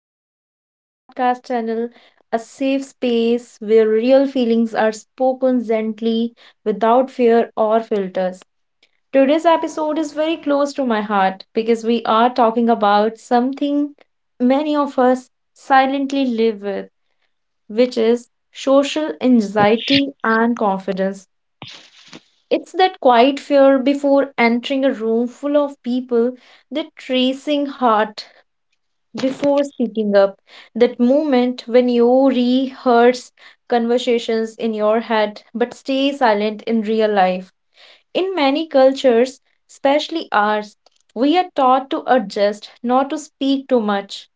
back to our podcast channel, a safe space where real feelings are spoken gently without fear or filters. Today's episode is very close to my heart because we are talking about something many of us silently live with, which is social anxiety and confidence. It's that quiet fear before entering a room full of people, that tracing heart before speaking up, that moment when you rehearse conversations in your head but stay silent in real life. In many cultures, especially ours, we are taught to adjust, not to speak too much,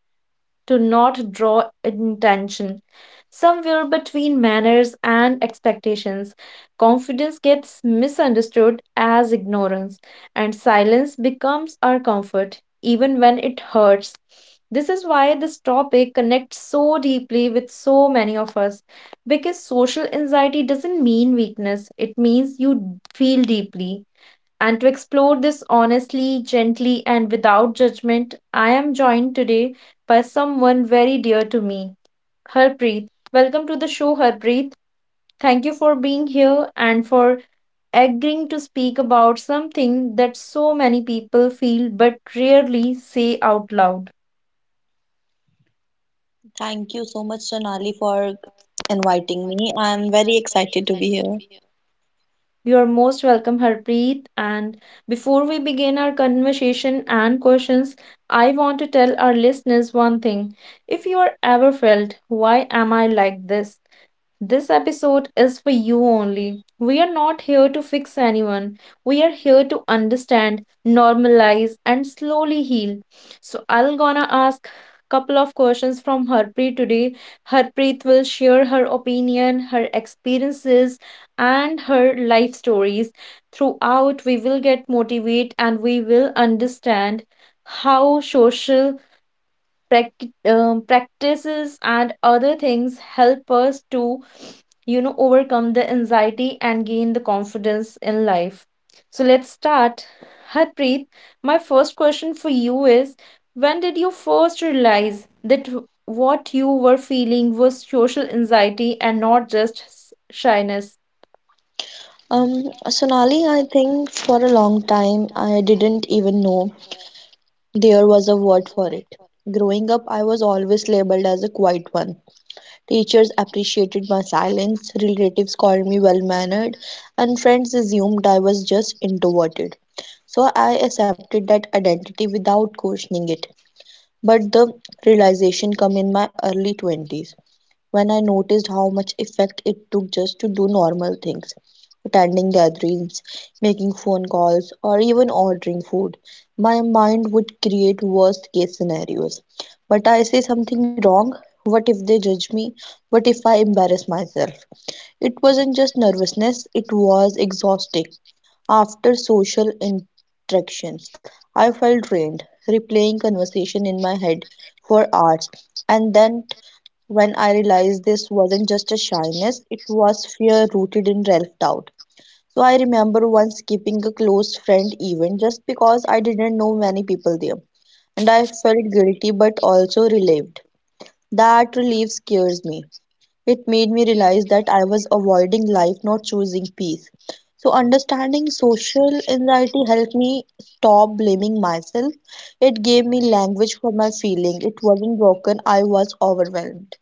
to not draw attention. Somewhere between manners and expectations, confidence gets misunderstood as ignorance, and silence becomes our comfort, even when it hurts. This is why this topic connects so deeply with so many of us. Because social anxiety doesn't mean weakness, it means you feel deeply. And to explore this honestly, gently, and without judgment, I am joined today by someone very dear to me, Harpreet. Welcome to the show, Harpreet. Thank you for being here and for agreeing to speak about something that so many people feel but rarely say out loud. Thank you so much, Sonali, for inviting me. I am very excited to be here. You're most welcome, Harpreet. And before we begin our conversation and questions, I want to tell our listeners one thing. If you are ever felt, why am I like this? This episode is for you only. We are not here to fix anyone. We are here to understand, normalize, and slowly heal. So I'll gonna ask couple of questions from Harpreet today. Harpreet will share her opinion, her experiences, and her life stories. Throughout, we will get motivated and we will understand how social practices and other things help us to overcome the anxiety and gain the confidence in life. So let's start, Harpreet. My first question for you is, when did you first realize that what you were feeling was social anxiety and not just shyness? Sonali, I think for a long time I didn't even know there was a word for it. Growing up, I was always labeled as a quiet one. Teachers appreciated my silence, relatives called me well mannered, and friends assumed I was just introverted. So I accepted that identity without questioning it. But the realization came in my early 20s, when I noticed how much effect it took just to do normal things, attending gatherings, making phone calls, or even ordering food. My mind would create worst case scenarios. But I say something wrong? What if they judge me? What if I embarrass myself? It wasn't just nervousness, it was exhausting. After social interactions, I felt drained, replaying conversation in my head for hours. And then when I realized this wasn't just a shyness, it was fear rooted in self doubt. So I remember once skipping a close friend event just because I didn't know many people there. And I felt guilty but also relieved. That relief scares me. It made me realize that I was avoiding life, not choosing peace. So, understanding social anxiety helped me stop blaming myself. It gave me language for my feeling. It wasn't broken, I was overwhelmed.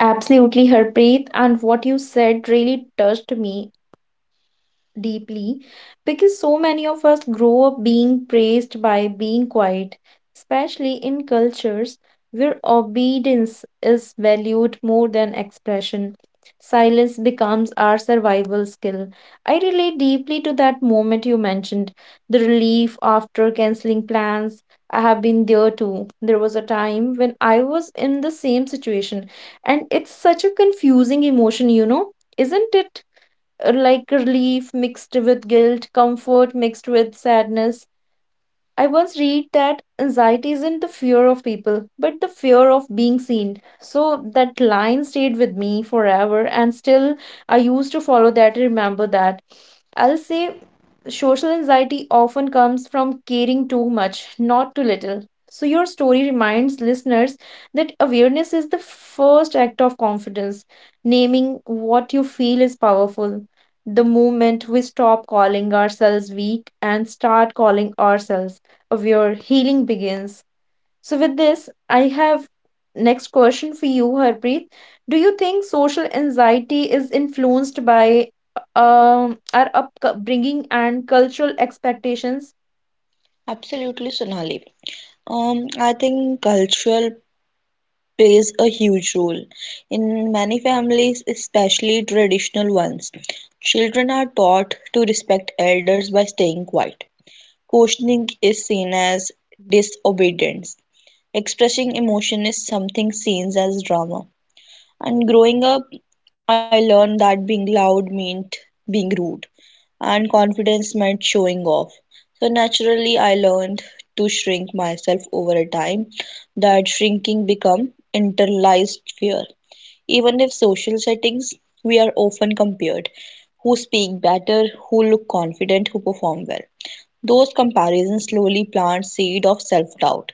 Absolutely, Harpreet, and what you said really touched me deeply, because so many of us grow up being praised by being quiet, especially in cultures where obedience is valued more than expression. Silence becomes our survival skill. I relate deeply to that moment you mentioned, the relief after canceling plans. I have been there too. There was a time when I was in the same situation, and it's such a confusing emotion, you know, isn't it? Like relief mixed with guilt, comfort mixed with sadness. I once read that anxiety isn't the fear of people, but the fear of being seen. So that line stayed with me forever, and still I used to follow that and remember that. I'll say social anxiety often comes from caring too much, not too little. So your story reminds listeners that awareness is the first act of confidence. Naming what you feel is powerful. The moment we stop calling ourselves weak and start calling ourselves of your healing begins. So, with this, I have next question for you, Harpreet. Do you think social anxiety is influenced by our upbringing and cultural expectations? Absolutely, Sonali. I think cultural plays a huge role. In many families, especially traditional ones, children are taught to respect elders by staying quiet. Questioning is seen as disobedience. Expressing emotion is something seen as drama. And growing up, I learned that being loud meant being rude, and confidence meant showing off. So naturally, I learned to shrink myself over a time. That shrinking become internalized fear. Even if social settings, we are often compared. Who speak better, who look confident, who perform well. Those comparisons slowly plant seed of self-doubt.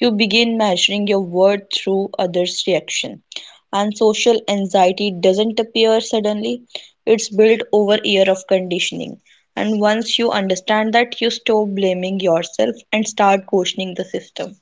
You begin measuring your worth through others' reaction. And social anxiety doesn't appear suddenly. It's built over year of conditioning. And once you understand that, you stop blaming yourself and start questioning the system.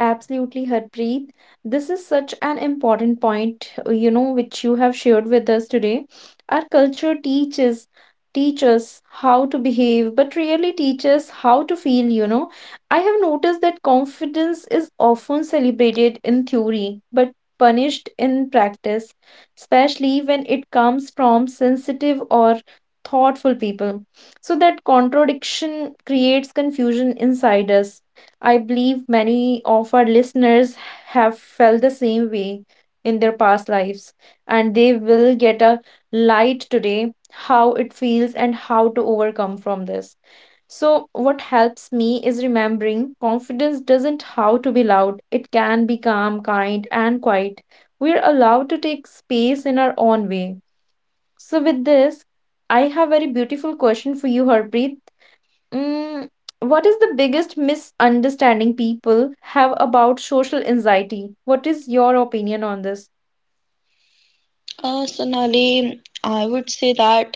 Absolutely, Harpreet. This is such an important point, you know, which you have shared with us today. Our culture teaches how to behave, but really teaches how to feel, you know. I have noticed that confidence is often celebrated in theory, but punished in practice, especially when it comes from sensitive or thoughtful people. So that contradiction creates confusion inside us. I believe many of our listeners have felt the same way in their past lives, and they will get a light today how it feels and how to overcome from this. So, what helps me is remembering confidence doesn't have to be loud, it can be calm, kind, and quiet. We're allowed to take space in our own way. So, with this, I have a very beautiful question for you, Harpreet. Mm, what is the biggest misunderstanding people have about social anxiety? What is your opinion on this? Sonali, I would say that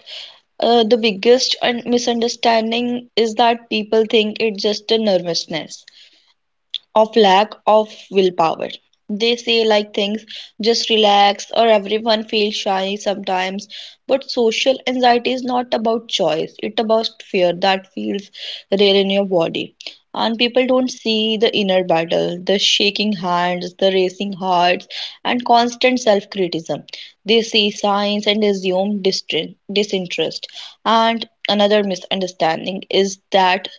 the biggest misunderstanding is that people think it's just a nervousness of lack of willpower. They say like things, just relax, or everyone feels shy sometimes. But social anxiety is not about choice, it's about fear that feels real in your body. And people don't see the inner battle, the shaking hands, the racing hearts, and constant self criticism. They see signs and assume disinterest. And another misunderstanding is that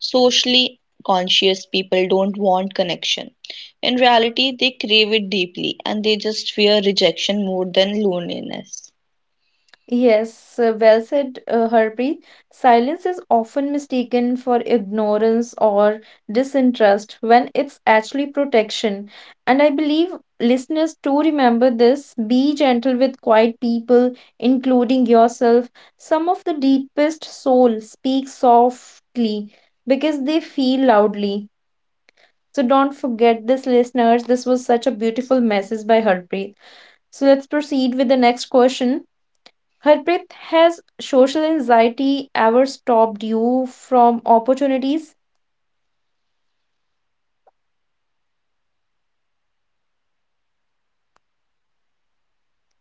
socially conscious people don't want connection. In reality, they crave it deeply and they just fear rejection more than loneliness. Yes, well said, Harpreet. Silence is often mistaken for ignorance or disinterest when it's actually protection. And I believe listeners too remember this. Be gentle with quiet people, including yourself. Some of the deepest soul speak softly because they feel loudly. So don't forget this, listeners. This was such a beautiful message by Harpreet. So let's proceed with the next question. Harpreet, has social anxiety ever stopped you from opportunities?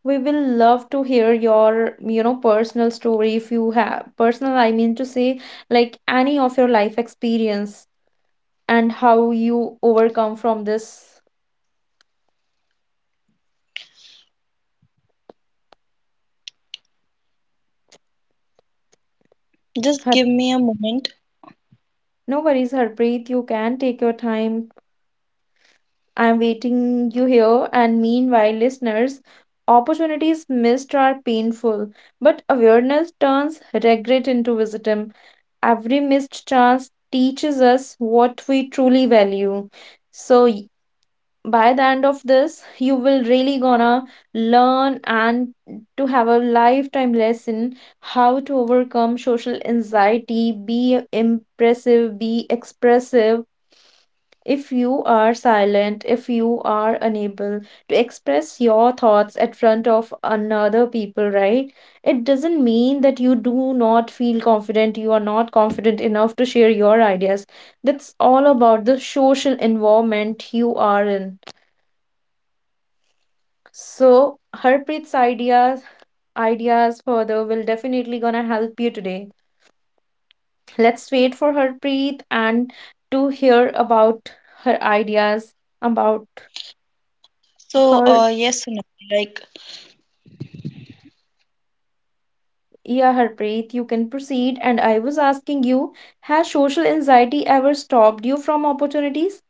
We will love to hear your, you know, personal story if you have personal, I mean to say, like any of your life experience and how you overcome from this. Just Har- give me a moment. No worries, Harpreet. You can take your time. I'm waiting you here, and meanwhile, listeners, opportunities missed are painful, but awareness turns regret into wisdom. Every missed chance teaches us what we truly value. So by the end of this, you will really gonna learn and to have a lifetime lesson how to overcome social anxiety, be impressive, be expressive if you are silent, if you are unable to express your thoughts at front of another people, right? It doesn't mean that you do not feel confident, you are not confident enough to share your ideas. That's all about the social environment you are in. So, Harpreet's ideas further will definitely gonna help you today. Let's wait for Harpreet and to hear about her ideas about So, her yes, Sonali, like Yeah, Harpreet, you can proceed. And I was asking you, has social anxiety ever stopped you from opportunities?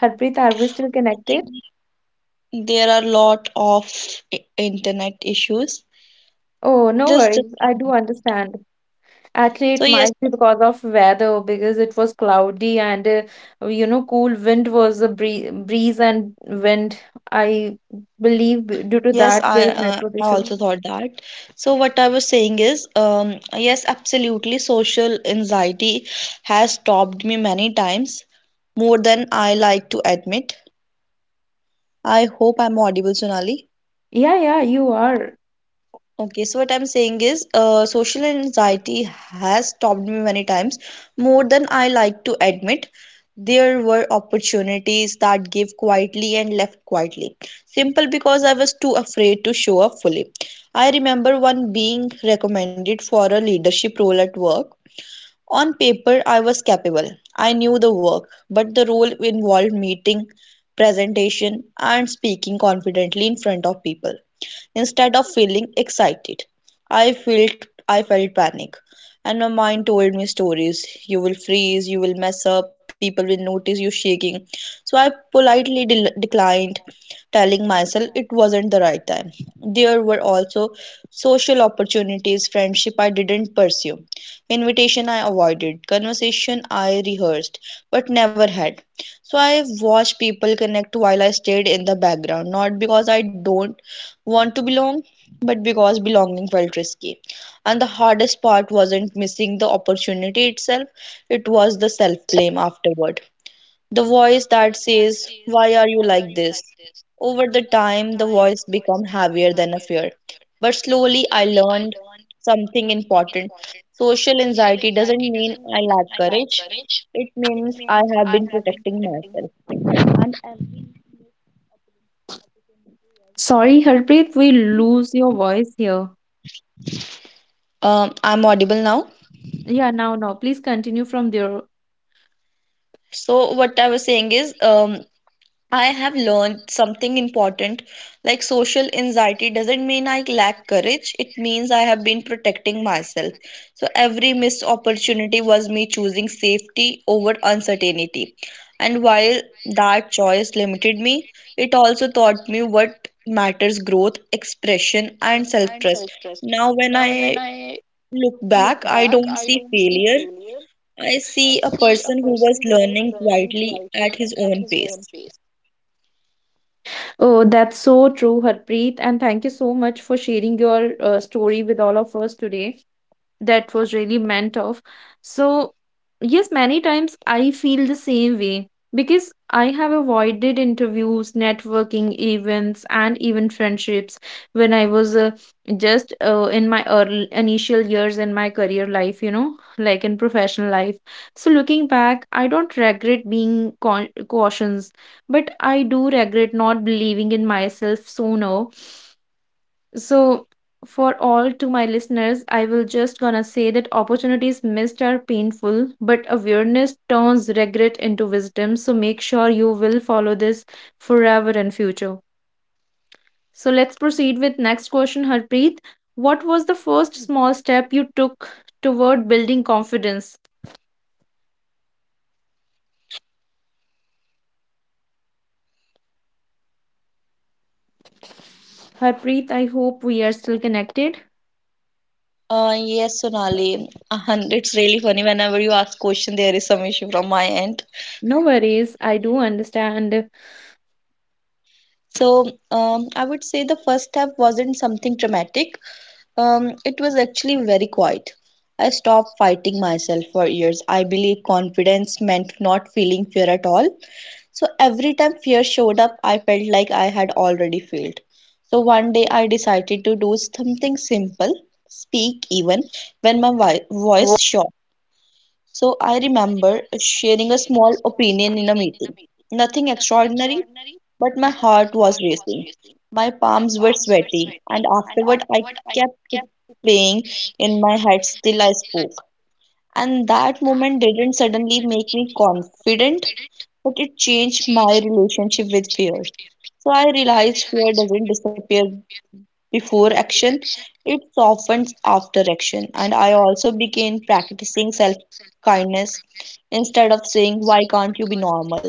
Harpreet, are we still I connected? think there are a lot of internet issues. Oh, no Just worries. I give do me— understand. Actually, so it yes, might be because of weather, because it was cloudy and cool wind was a breeze and wind. I believe due to yes, that there is network I issue. also thought that. So what I was saying is, yes, absolutely, social anxiety has stopped me many times, more than I like to admit. I hope I'm audible, Sonali. Yeah, yeah, you are. Okay, so what I'm saying is, social anxiety has stopped me many times, more than I like to admit. There were opportunities that gave quietly and left quietly, simple because I was too afraid to show up fully. I remember one being recommended for a leadership role at work. On paper, I was capable. I knew the work, but the role involved meeting, presentation, and speaking confidently in front of people. Instead of feeling excited, I felt panic, and my mind told me stories. You will freeze, you will mess up, people will notice you shaking. So I politely declined, telling myself it wasn't the right time. There were also social opportunities, friendship I didn't pursue, invitation I avoided, conversation I rehearsed, but never had. So I watched people connect while I stayed in the background, not because I don't want to belong, but because belonging felt risky. And the hardest part wasn't missing the opportunity itself, it was the self blame afterward, the voice that says, why are you like this? Over the time, the voice become heavier than a fear. But slowly, I learned something important. Social anxiety doesn't mean I lack courage, it means I have been protecting myself. And Sorry, Harpreet, we lose your voice here. I'm audible now. Yeah, now, now, please continue from there. So, what I was saying is, I have learned something important, like social anxiety doesn't mean I lack courage, it means I have been protecting myself. So every missed opportunity was me choosing safety over uncertainty. And while that choice limited me, it also taught me what matters, growth, expression, and self trust. Now, when I look back, I don't see failure, I see a person who was learning quietly at his own pace. Oh, that's so true, Harpreet. And thank you so much for sharing your story with all of us today, that was really meant of. So, yes, many times I feel the same way because I have avoided interviews, networking events, and even friendships when I was just in my early initial years in my career life, you know, like in professional life. So, looking back, I don't regret being cautious, but I do regret not believing in myself sooner. So, for all to my listeners, I will just gonna say that opportunities missed are painful, but awareness turns regret into wisdom. So make sure you will follow this forever in future. So let's proceed with next question, Harpreet. What was the first small step you took toward building confidence? Harpreet, I hope we are still connected. Yes, Sonali, and it's really funny whenever you ask question, there is some issue from my end. No worries, I do understand. So, I would say the first step wasn't something dramatic. It was actually very quiet. I stopped fighting myself for years. I believe confidence meant not feeling fear at all. So every time fear showed up, I felt like I had already failed. So one day I decided to do something simple, speak even when my voice shot. So I remember sharing a small opinion in a meeting. Nothing extraordinary, but my heart was racing. My palms were sweaty, and afterward I kept it playing in my head till I spoke. And that moment didn't suddenly make me confident, but it changed my relationship with fear. So I realized fear doesn't disappear before action, it softens after action. And I also began practicing self kindness instead of saying, why can't you be normal?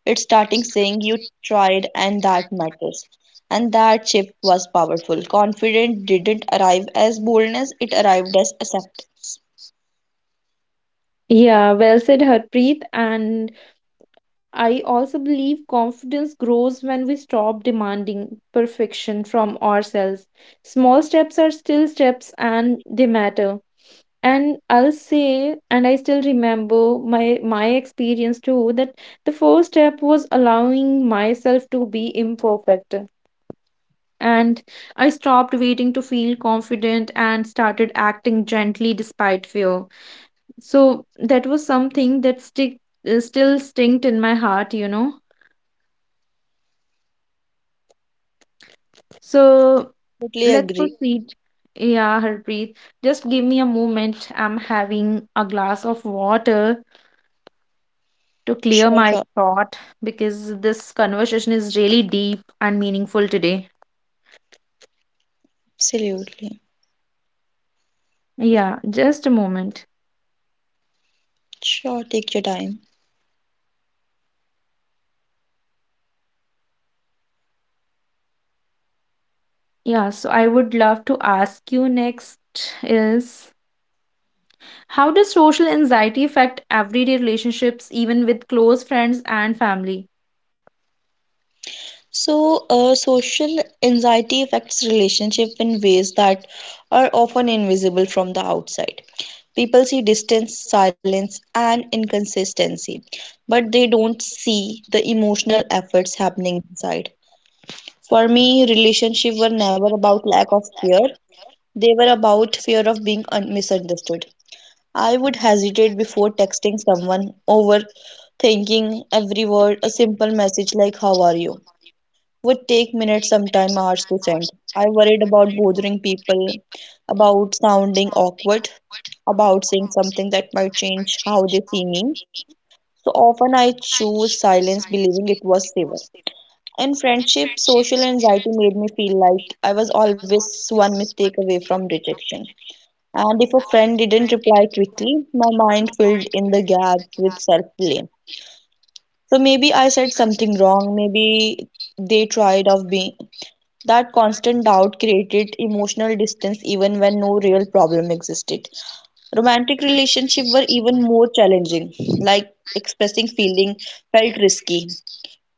It's starting saying, you tried, and that matters. And that shift was powerful. Confidence didn't arrive as boldness, it arrived as acceptance. Yeah, well said, Harpreet. And I also believe confidence grows when we stop demanding perfection from ourselves. Small steps are still steps and they matter. And I'll say, and I still remember my experience too, that the first step was allowing myself to be imperfect. And I stopped waiting to feel confident and started acting gently despite fear. So that was something that stick still stinked in my heart, you know. So Totally let's agree. proceed. Yeah, Harpreet, just give me a moment. I'm having a glass of water to clear Sure, my sure. throat because this conversation is really deep and meaningful today. Absolutely. Yeah, just a moment. Sure, take your time. Yeah, so I would love to ask you next is, how does social anxiety affect everyday relationships, even with close friends and family? So, social anxiety affects relationship in ways that are often invisible from the outside. People see distance, silence, and inconsistency, but they don't see the emotional efforts happening inside. For me, relationships were never about lack of care. They were about fear of being misunderstood. I would hesitate before texting someone, overthinking every word, a simple message like "How are you?" would take minutes, sometimes hours to send. I worried about bothering people, about sounding awkward, about saying something that might change how they see me. So often I chose silence, believing it was safer. In friendship, social anxiety made me feel like I was always one mistake away from rejection. And if a friend didn't reply quickly, my mind filled in the gaps with self blame. So maybe I said something wrong, maybe they tried of being, that constant doubt created emotional distance even when no real problem existed. Romantic relationships were even more challenging, like expressing feeling felt risky.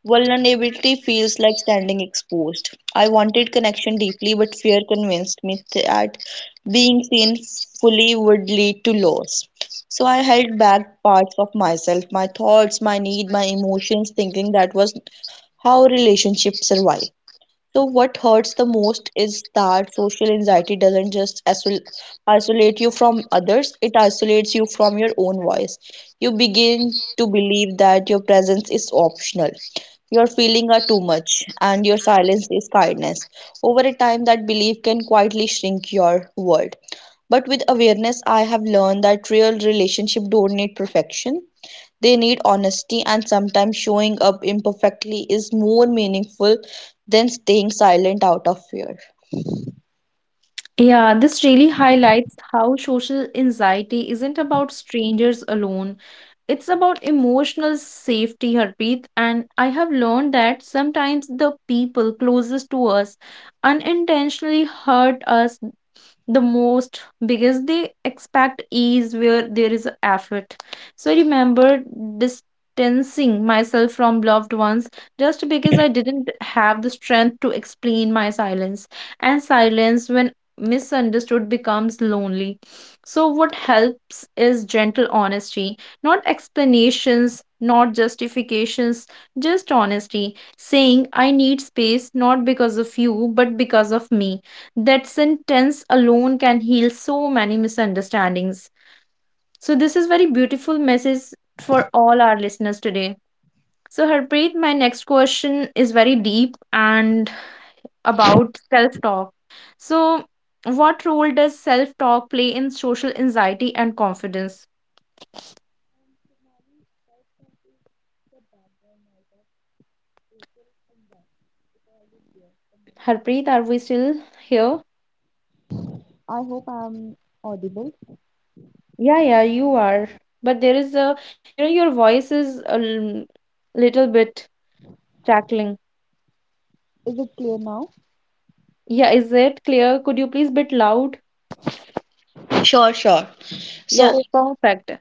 Vulnerability feels like standing exposed. I wanted connection deeply, but fear convinced me that being seen fully would lead to loss. So I held back parts of myself, my thoughts, my need, my emotions, thinking that was how relationships survive. So, what hurts the most is that social anxiety doesn't just isolate you from others, it isolates you from your own voice. You begin to believe that your presence is optional, your feelings are too much, and your silence is kindness. Over a time, that belief can quietly shrink your world. But with awareness, I have learned that real relationship don't need perfection. They need honesty, and sometimes showing up imperfectly is more meaningful than staying silent out of fear. Yeah, this really highlights how social anxiety isn't about strangers alone. It's about emotional safety, Harpreet. And I have learned that sometimes the people closest to us unintentionally hurt us the most because they expect ease where there is effort. So I remember distancing myself from loved ones just because I didn't have the strength to explain my silence. And silence, when misunderstood, becomes lonely. So, what helps is gentle honesty, not explanations, not justifications, just honesty. Saying, I need space not because of you, but because of me, that sentence alone can heal so many misunderstandings. So this is very beautiful message for all our listeners today. So Harpreet, my next question is very deep and about self-talk. So what role does self-talk play in social anxiety and confidence? Harpreet, are we still here? I hope I'm audible. Yeah, yeah, you are. But there is a, you know, your voice is a little bit crackling. Is it clear now? Yeah, is it clear? Could you please bit loud? Sure, sure. Yeah, So, perfect.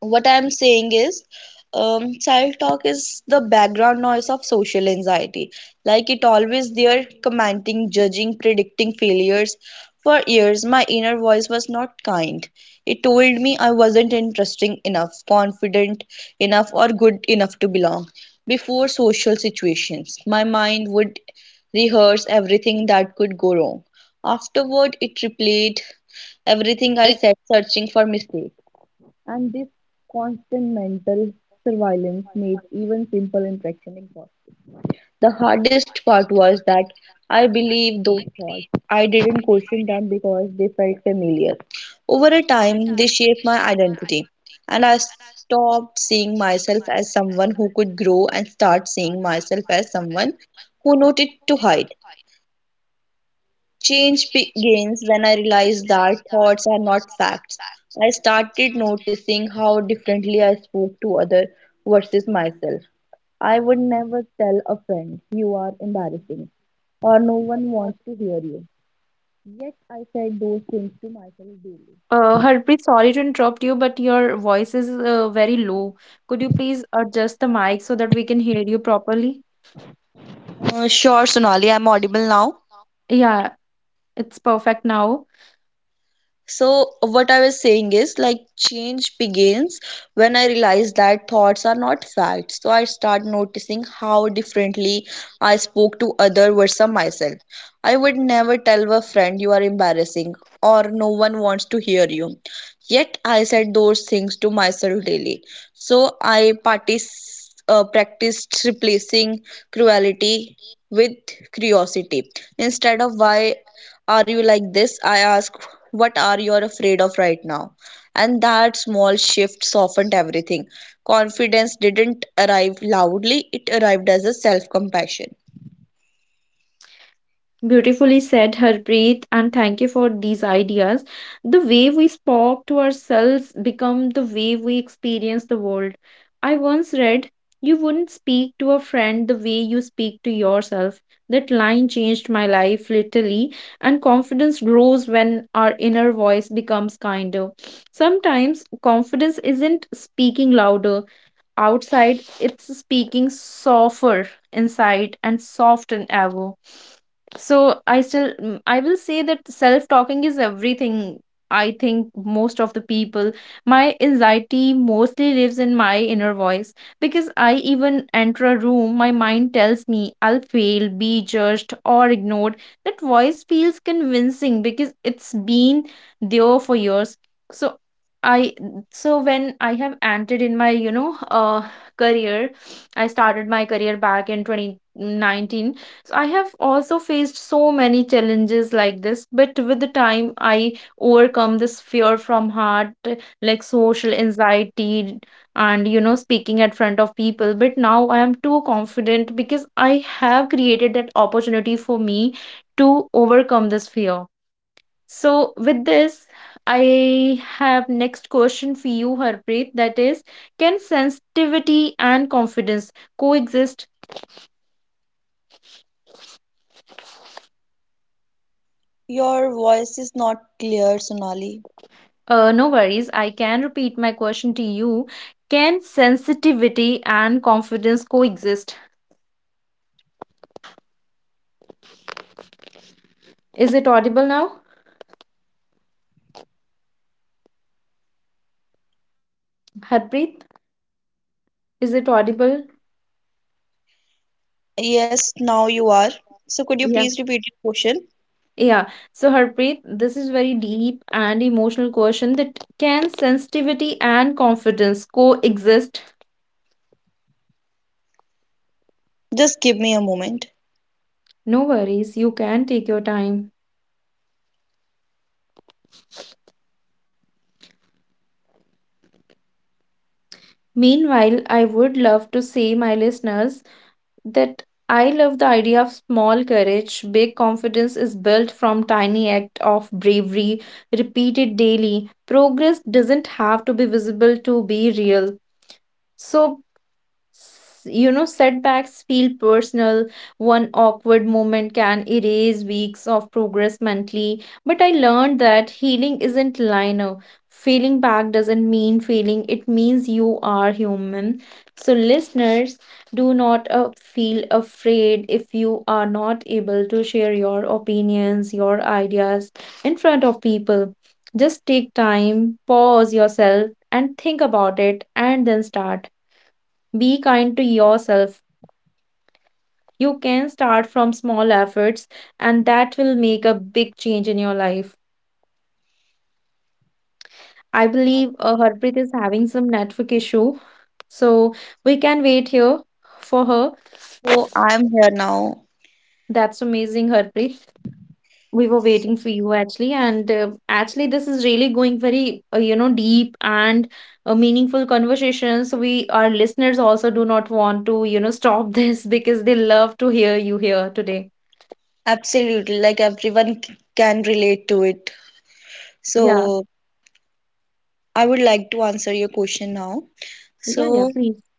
what I'm saying is, child talk is the background noise of social anxiety. Like it always there, commenting, judging, predicting failures. For years, my inner voice was not kind. It told me I wasn't interesting enough, confident enough, or good enough to belong. Before social situations, my mind would rehearse everything that could go wrong. Afterward, it replayed everything I said, searching for mistakes. And this constant mental surveillance made even simple interaction impossible. The hardest part was that I believed those thoughts. I didn't question them because they felt familiar. Over a time, they shaped my identity, and I stopped seeing myself as someone who could grow and start seeing myself as someone who noted to hide. Change begins when I realized that thoughts are not facts. I started noticing how differently I spoke to others versus myself. I would never tell a friend, you are embarrassing, or no one wants to hear you. Yet I said those things to myself daily. Harpreet, sorry to interrupt you, but your voice is very low. Could you please adjust the mic so that we can hear you properly? Sure, Sonali, I'm audible now. Yeah, it's perfect now. So, what I was saying is like change begins when I realize that thoughts are not facts. So, I start noticing how differently I spoke to other versus myself. I would never tell a friend you are embarrassing or no one wants to hear you. Yet, I said those things to myself daily. So, I practiced replacing cruelty with curiosity. Instead of "Why are you like this?" I ask, "What are you afraid of right now?" And that small shift softened everything. Confidence didn't arrive loudly, it arrived as a self compassion. Beautifully said, Harpreet, and thank you for these ideas. The way we spoke to ourselves become the way we experience the world. I once read, "You wouldn't speak to a friend the way you speak to yourself." That line changed my life literally, and confidence grows when our inner voice becomes kinder. Sometimes confidence isn't speaking louder outside, it's speaking softer inside and soft and ever. So I still I will say that self talking is everything. I think most of the people my anxiety mostly lives in my inner voice because I even enter a room my mind tells me I'll fail, be judged or ignored. That voice feels convincing because it's been there for years. So I so when I have entered in my career, I started my career back in 2019. So I have also faced so many challenges like this, but with the time I overcome this fear from heart, like social anxiety and you know speaking at front of people. But now I am too confident because I have created that opportunity for me to overcome this fear. So with this, I have next question for you, Harpreet. That is, can sensitivity and confidence coexist? Your voice is not clear, Sonali. No worries. I can repeat my question to you. Can sensitivity and confidence coexist? Is it audible now, You are Harpreet? not clear yet. Is it audible? Yes, now you are. So, could you Yeah. please repeat your question? Yeah. So Harpreet, this is very deep and emotional question that can sensitivity and confidence coexist? Just give me a moment. No worries. You can take your time. Meanwhile, I would love to say my listeners that I love the idea of small courage. Big confidence is built from tiny act of bravery repeated daily. Progress doesn't have to be visible to be real. So you know, setbacks feel personal. One awkward moment can erase weeks of progress mentally. But I learned that healing isn't linear. Failing back doesn't mean failing, it means you are human. So, listeners, do not feel afraid if you are not able to share your opinions, your ideas in front of people. Just take time, pause yourself, and think about it, and then start. Be kind to yourself. You can start from small efforts, and that will make a big change in your life. I believe Absolutely. Harpreet is having some network issue, so we can wait here for her. So, I'm here now. That's amazing, Harpreet. We were waiting for you actually, and actually, this is really going very you know deep and a meaningful conversation. So we our listeners also do not want to you know stop this because they love to hear you here today. Absolutely, like everyone can relate to it. Yeah, So, I would like to answer your question now. yeah, yeah. So, Please.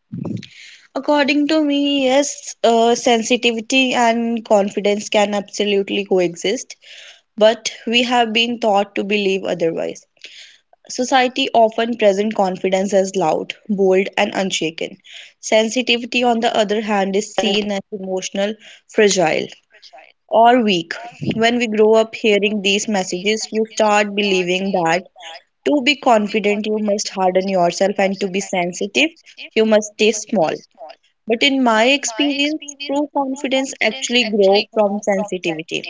according to me, yes, sensitivity and confidence can absolutely coexist, but we have been taught to believe otherwise. Society often presents confidence as loud, bold, and unshaken. Sensitivity, on the other hand, is seen as emotional, fragile, or weak. When we grow up hearing these messages, you start believing that to be confident, you must harden yourself, and to be sensitive, you must stay small. But in my experience, true confidence actually grows from sensitivity.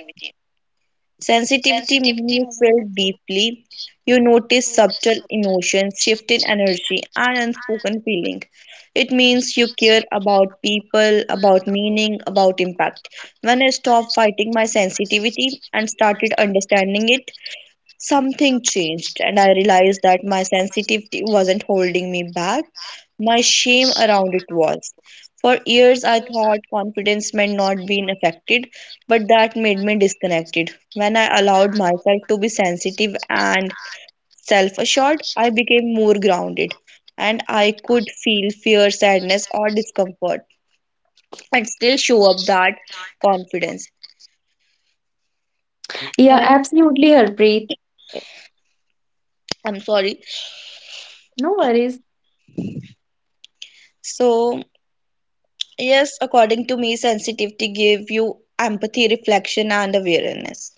Sensitivity means you feel deeply, you notice subtle emotions, shift in energy, and unspoken feeling. It means you care about people, about meaning, about impact. When I stopped fighting my sensitivity and started understanding it, something changed, and I realized that my sensitivity wasn't holding me back, my shame around it was. For years, I thought confidence meant not being affected, but that made me disconnected. When I allowed myself to be sensitive and self assured, I became more grounded, and I could feel fear, sadness, or discomfort and still show up that confidence. Yeah, And absolutely, Harpreet. Eh, I'm sorry. No worries. So, yes, according to me, sensitivity give you empathy, reflection, and awareness.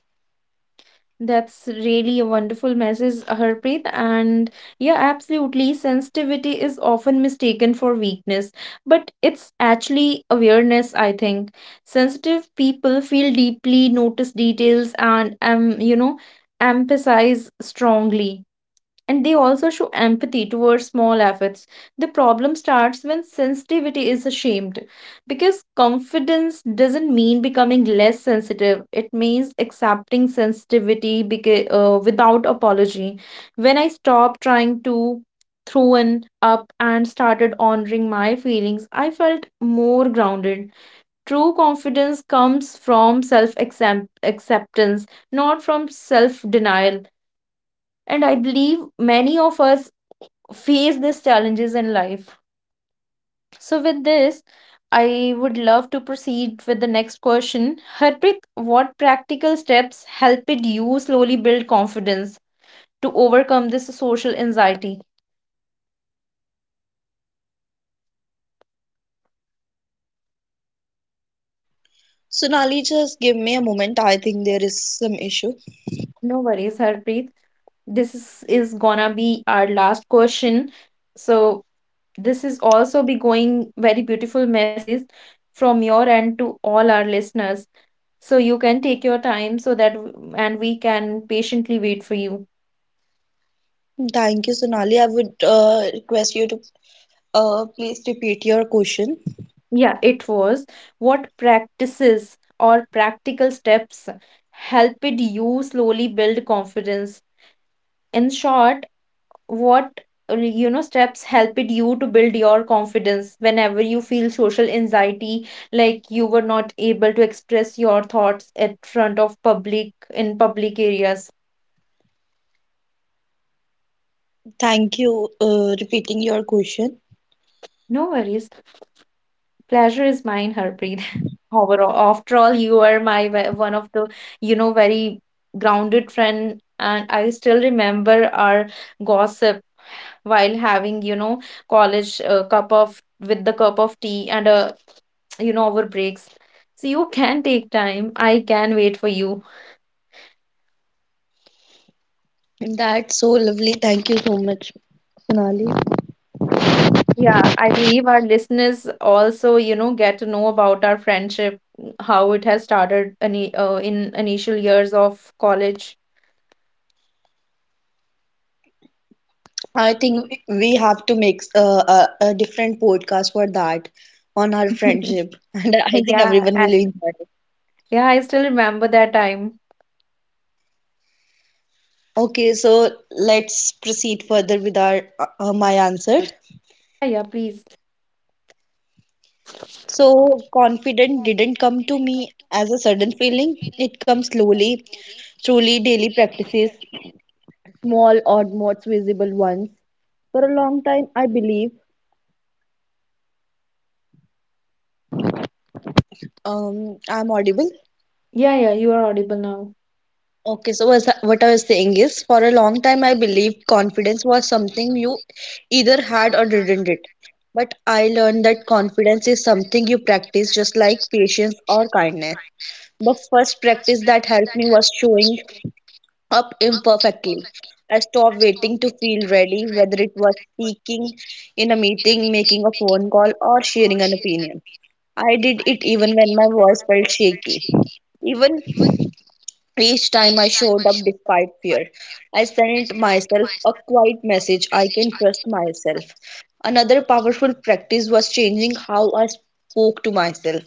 That's really a wonderful message, Harpreet. And yeah, absolutely. Sensitivity is often mistaken for weakness, but it's actually awareness, I think. Sensitive people feel deeply, notice details, and you know, emphasize strongly, and they also show empathy towards small efforts. The problem starts when sensitivity is ashamed because confidence doesn't mean becoming less sensitive, it means accepting sensitivity without apology. When I stopped trying to throw an up and started honoring my feelings, I felt more grounded. True confidence comes from self acceptance, not from self denial, and I believe many of us face these challenges in life. So, with this, I would love to proceed with the next question. Harpreet, what practical steps helped you slowly build confidence to overcome this social anxiety? Sonali, just give me a moment. I think there is some issue. No worries, Harpreet. This is gonna be our last question. So, this is also be going very beautiful message from your end to all our listeners. So, you can take your time so that and we can patiently wait for you. Thank you, Sonali. I would request you to please repeat your question. Yeah, it was. What practices or practical steps helped you slowly build confidence? In short, what you know steps helped you to build your confidence whenever you feel social anxiety, like you were not able to express your thoughts at front of public in public areas. Thank you, repeating your question. No worries. Pleasure is mine, Harpreet. Overall, after all, you are one of the, you know, very grounded friend, and I still remember our gossip while having, you know, college cup of with the cup of tea and you know, our breaks. So you can take time. I can wait for you. That's so lovely. Thank you so much, Sonali. Yeah, I believe our listeners also, you know, get to know about our friendship, how it has started in initial years of college. I think we have to make a different podcast for that on our friendship, and I think Yeah, everyone will at enjoy. Yeah, I still remember that time. Okay, so let's proceed further with our my answer. Yeah, yeah, please. So confident didn't come to me as a sudden feeling. It comes slowly, truly daily practices, small odd modes, visible ones. For a long time, I believe I'm audible. Yeah, yeah, you are audible now. Okay, so was, what I was saying is, for a long time, I believed confidence was something you either had or didn't it. But I learned that confidence is something you practice just like patience or kindness. The first practice that helped me was showing up imperfectly. I stopped waiting to feel ready, whether it was speaking in a meeting, making a phone call, or sharing an opinion. I did it even when my voice felt shaky. Even each time I showed up despite fear, I sent myself a quiet message, I can trust myself. Another powerful practice was changing how I spoke to myself.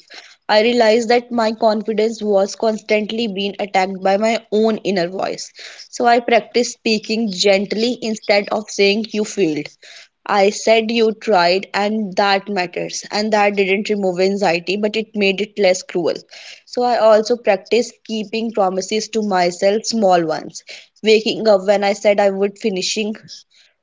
I realized that my confidence was constantly being attacked by my own inner voice. So I practiced speaking gently. Instead of saying, "You failed," I said, "You tried, and that matters." And that didn't remove anxiety, but it made it less cruel. So I also practice keeping promises to myself, small ones. Waking up when I said I would, finishing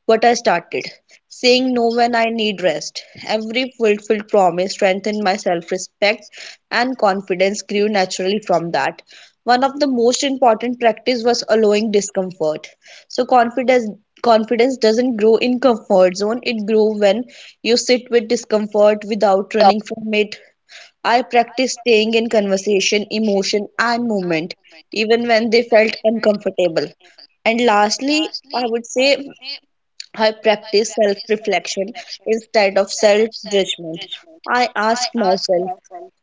what I started. Saying no when I need rest. Every fulfilled promise strengthened my self-respect, and confidence grew naturally from that. One of the most important practice was allowing discomfort. So confidence doesn't grow in comfort zone, it grows when you sit with discomfort without running from it. I practiced staying in conversation, emotion, and movement, even when they felt uncomfortable. And lastly, I would say I practice self reflection instead of self judgment. I ask myself,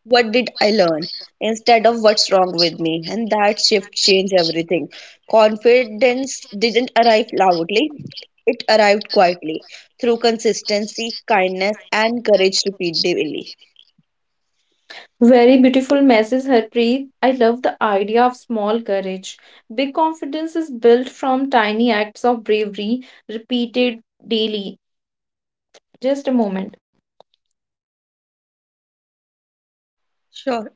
what did I learn, instead of what's wrong with me? And that shift changed everything. Confidence didn't arrive loudly, it arrived quietly through consistency, kindness, and courage repeatedly. Very beautiful message, Harpreet. I love the idea of small courage. Big confidence is built from tiny acts of bravery repeated daily. Just a moment. Sure.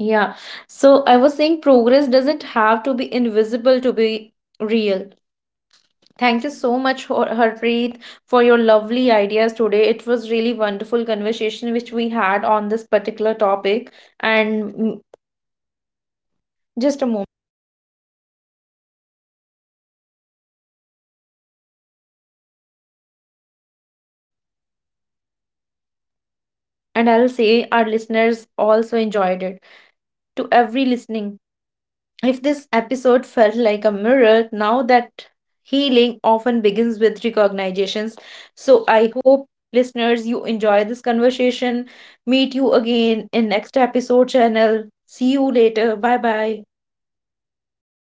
Yeah. So I was saying progress doesn't have to be invisible to be real. Thank you so much, Harpreet, for your lovely ideas today. It was really wonderful conversation which we had on this particular topic and just a moment. And I'll say our listeners also enjoyed it. To every listening, if this episode felt like a mirror, now that healing often begins with recognitions. So I hope listeners you enjoy this conversation. Meet you again in next episode channel. See you later. Bye bye.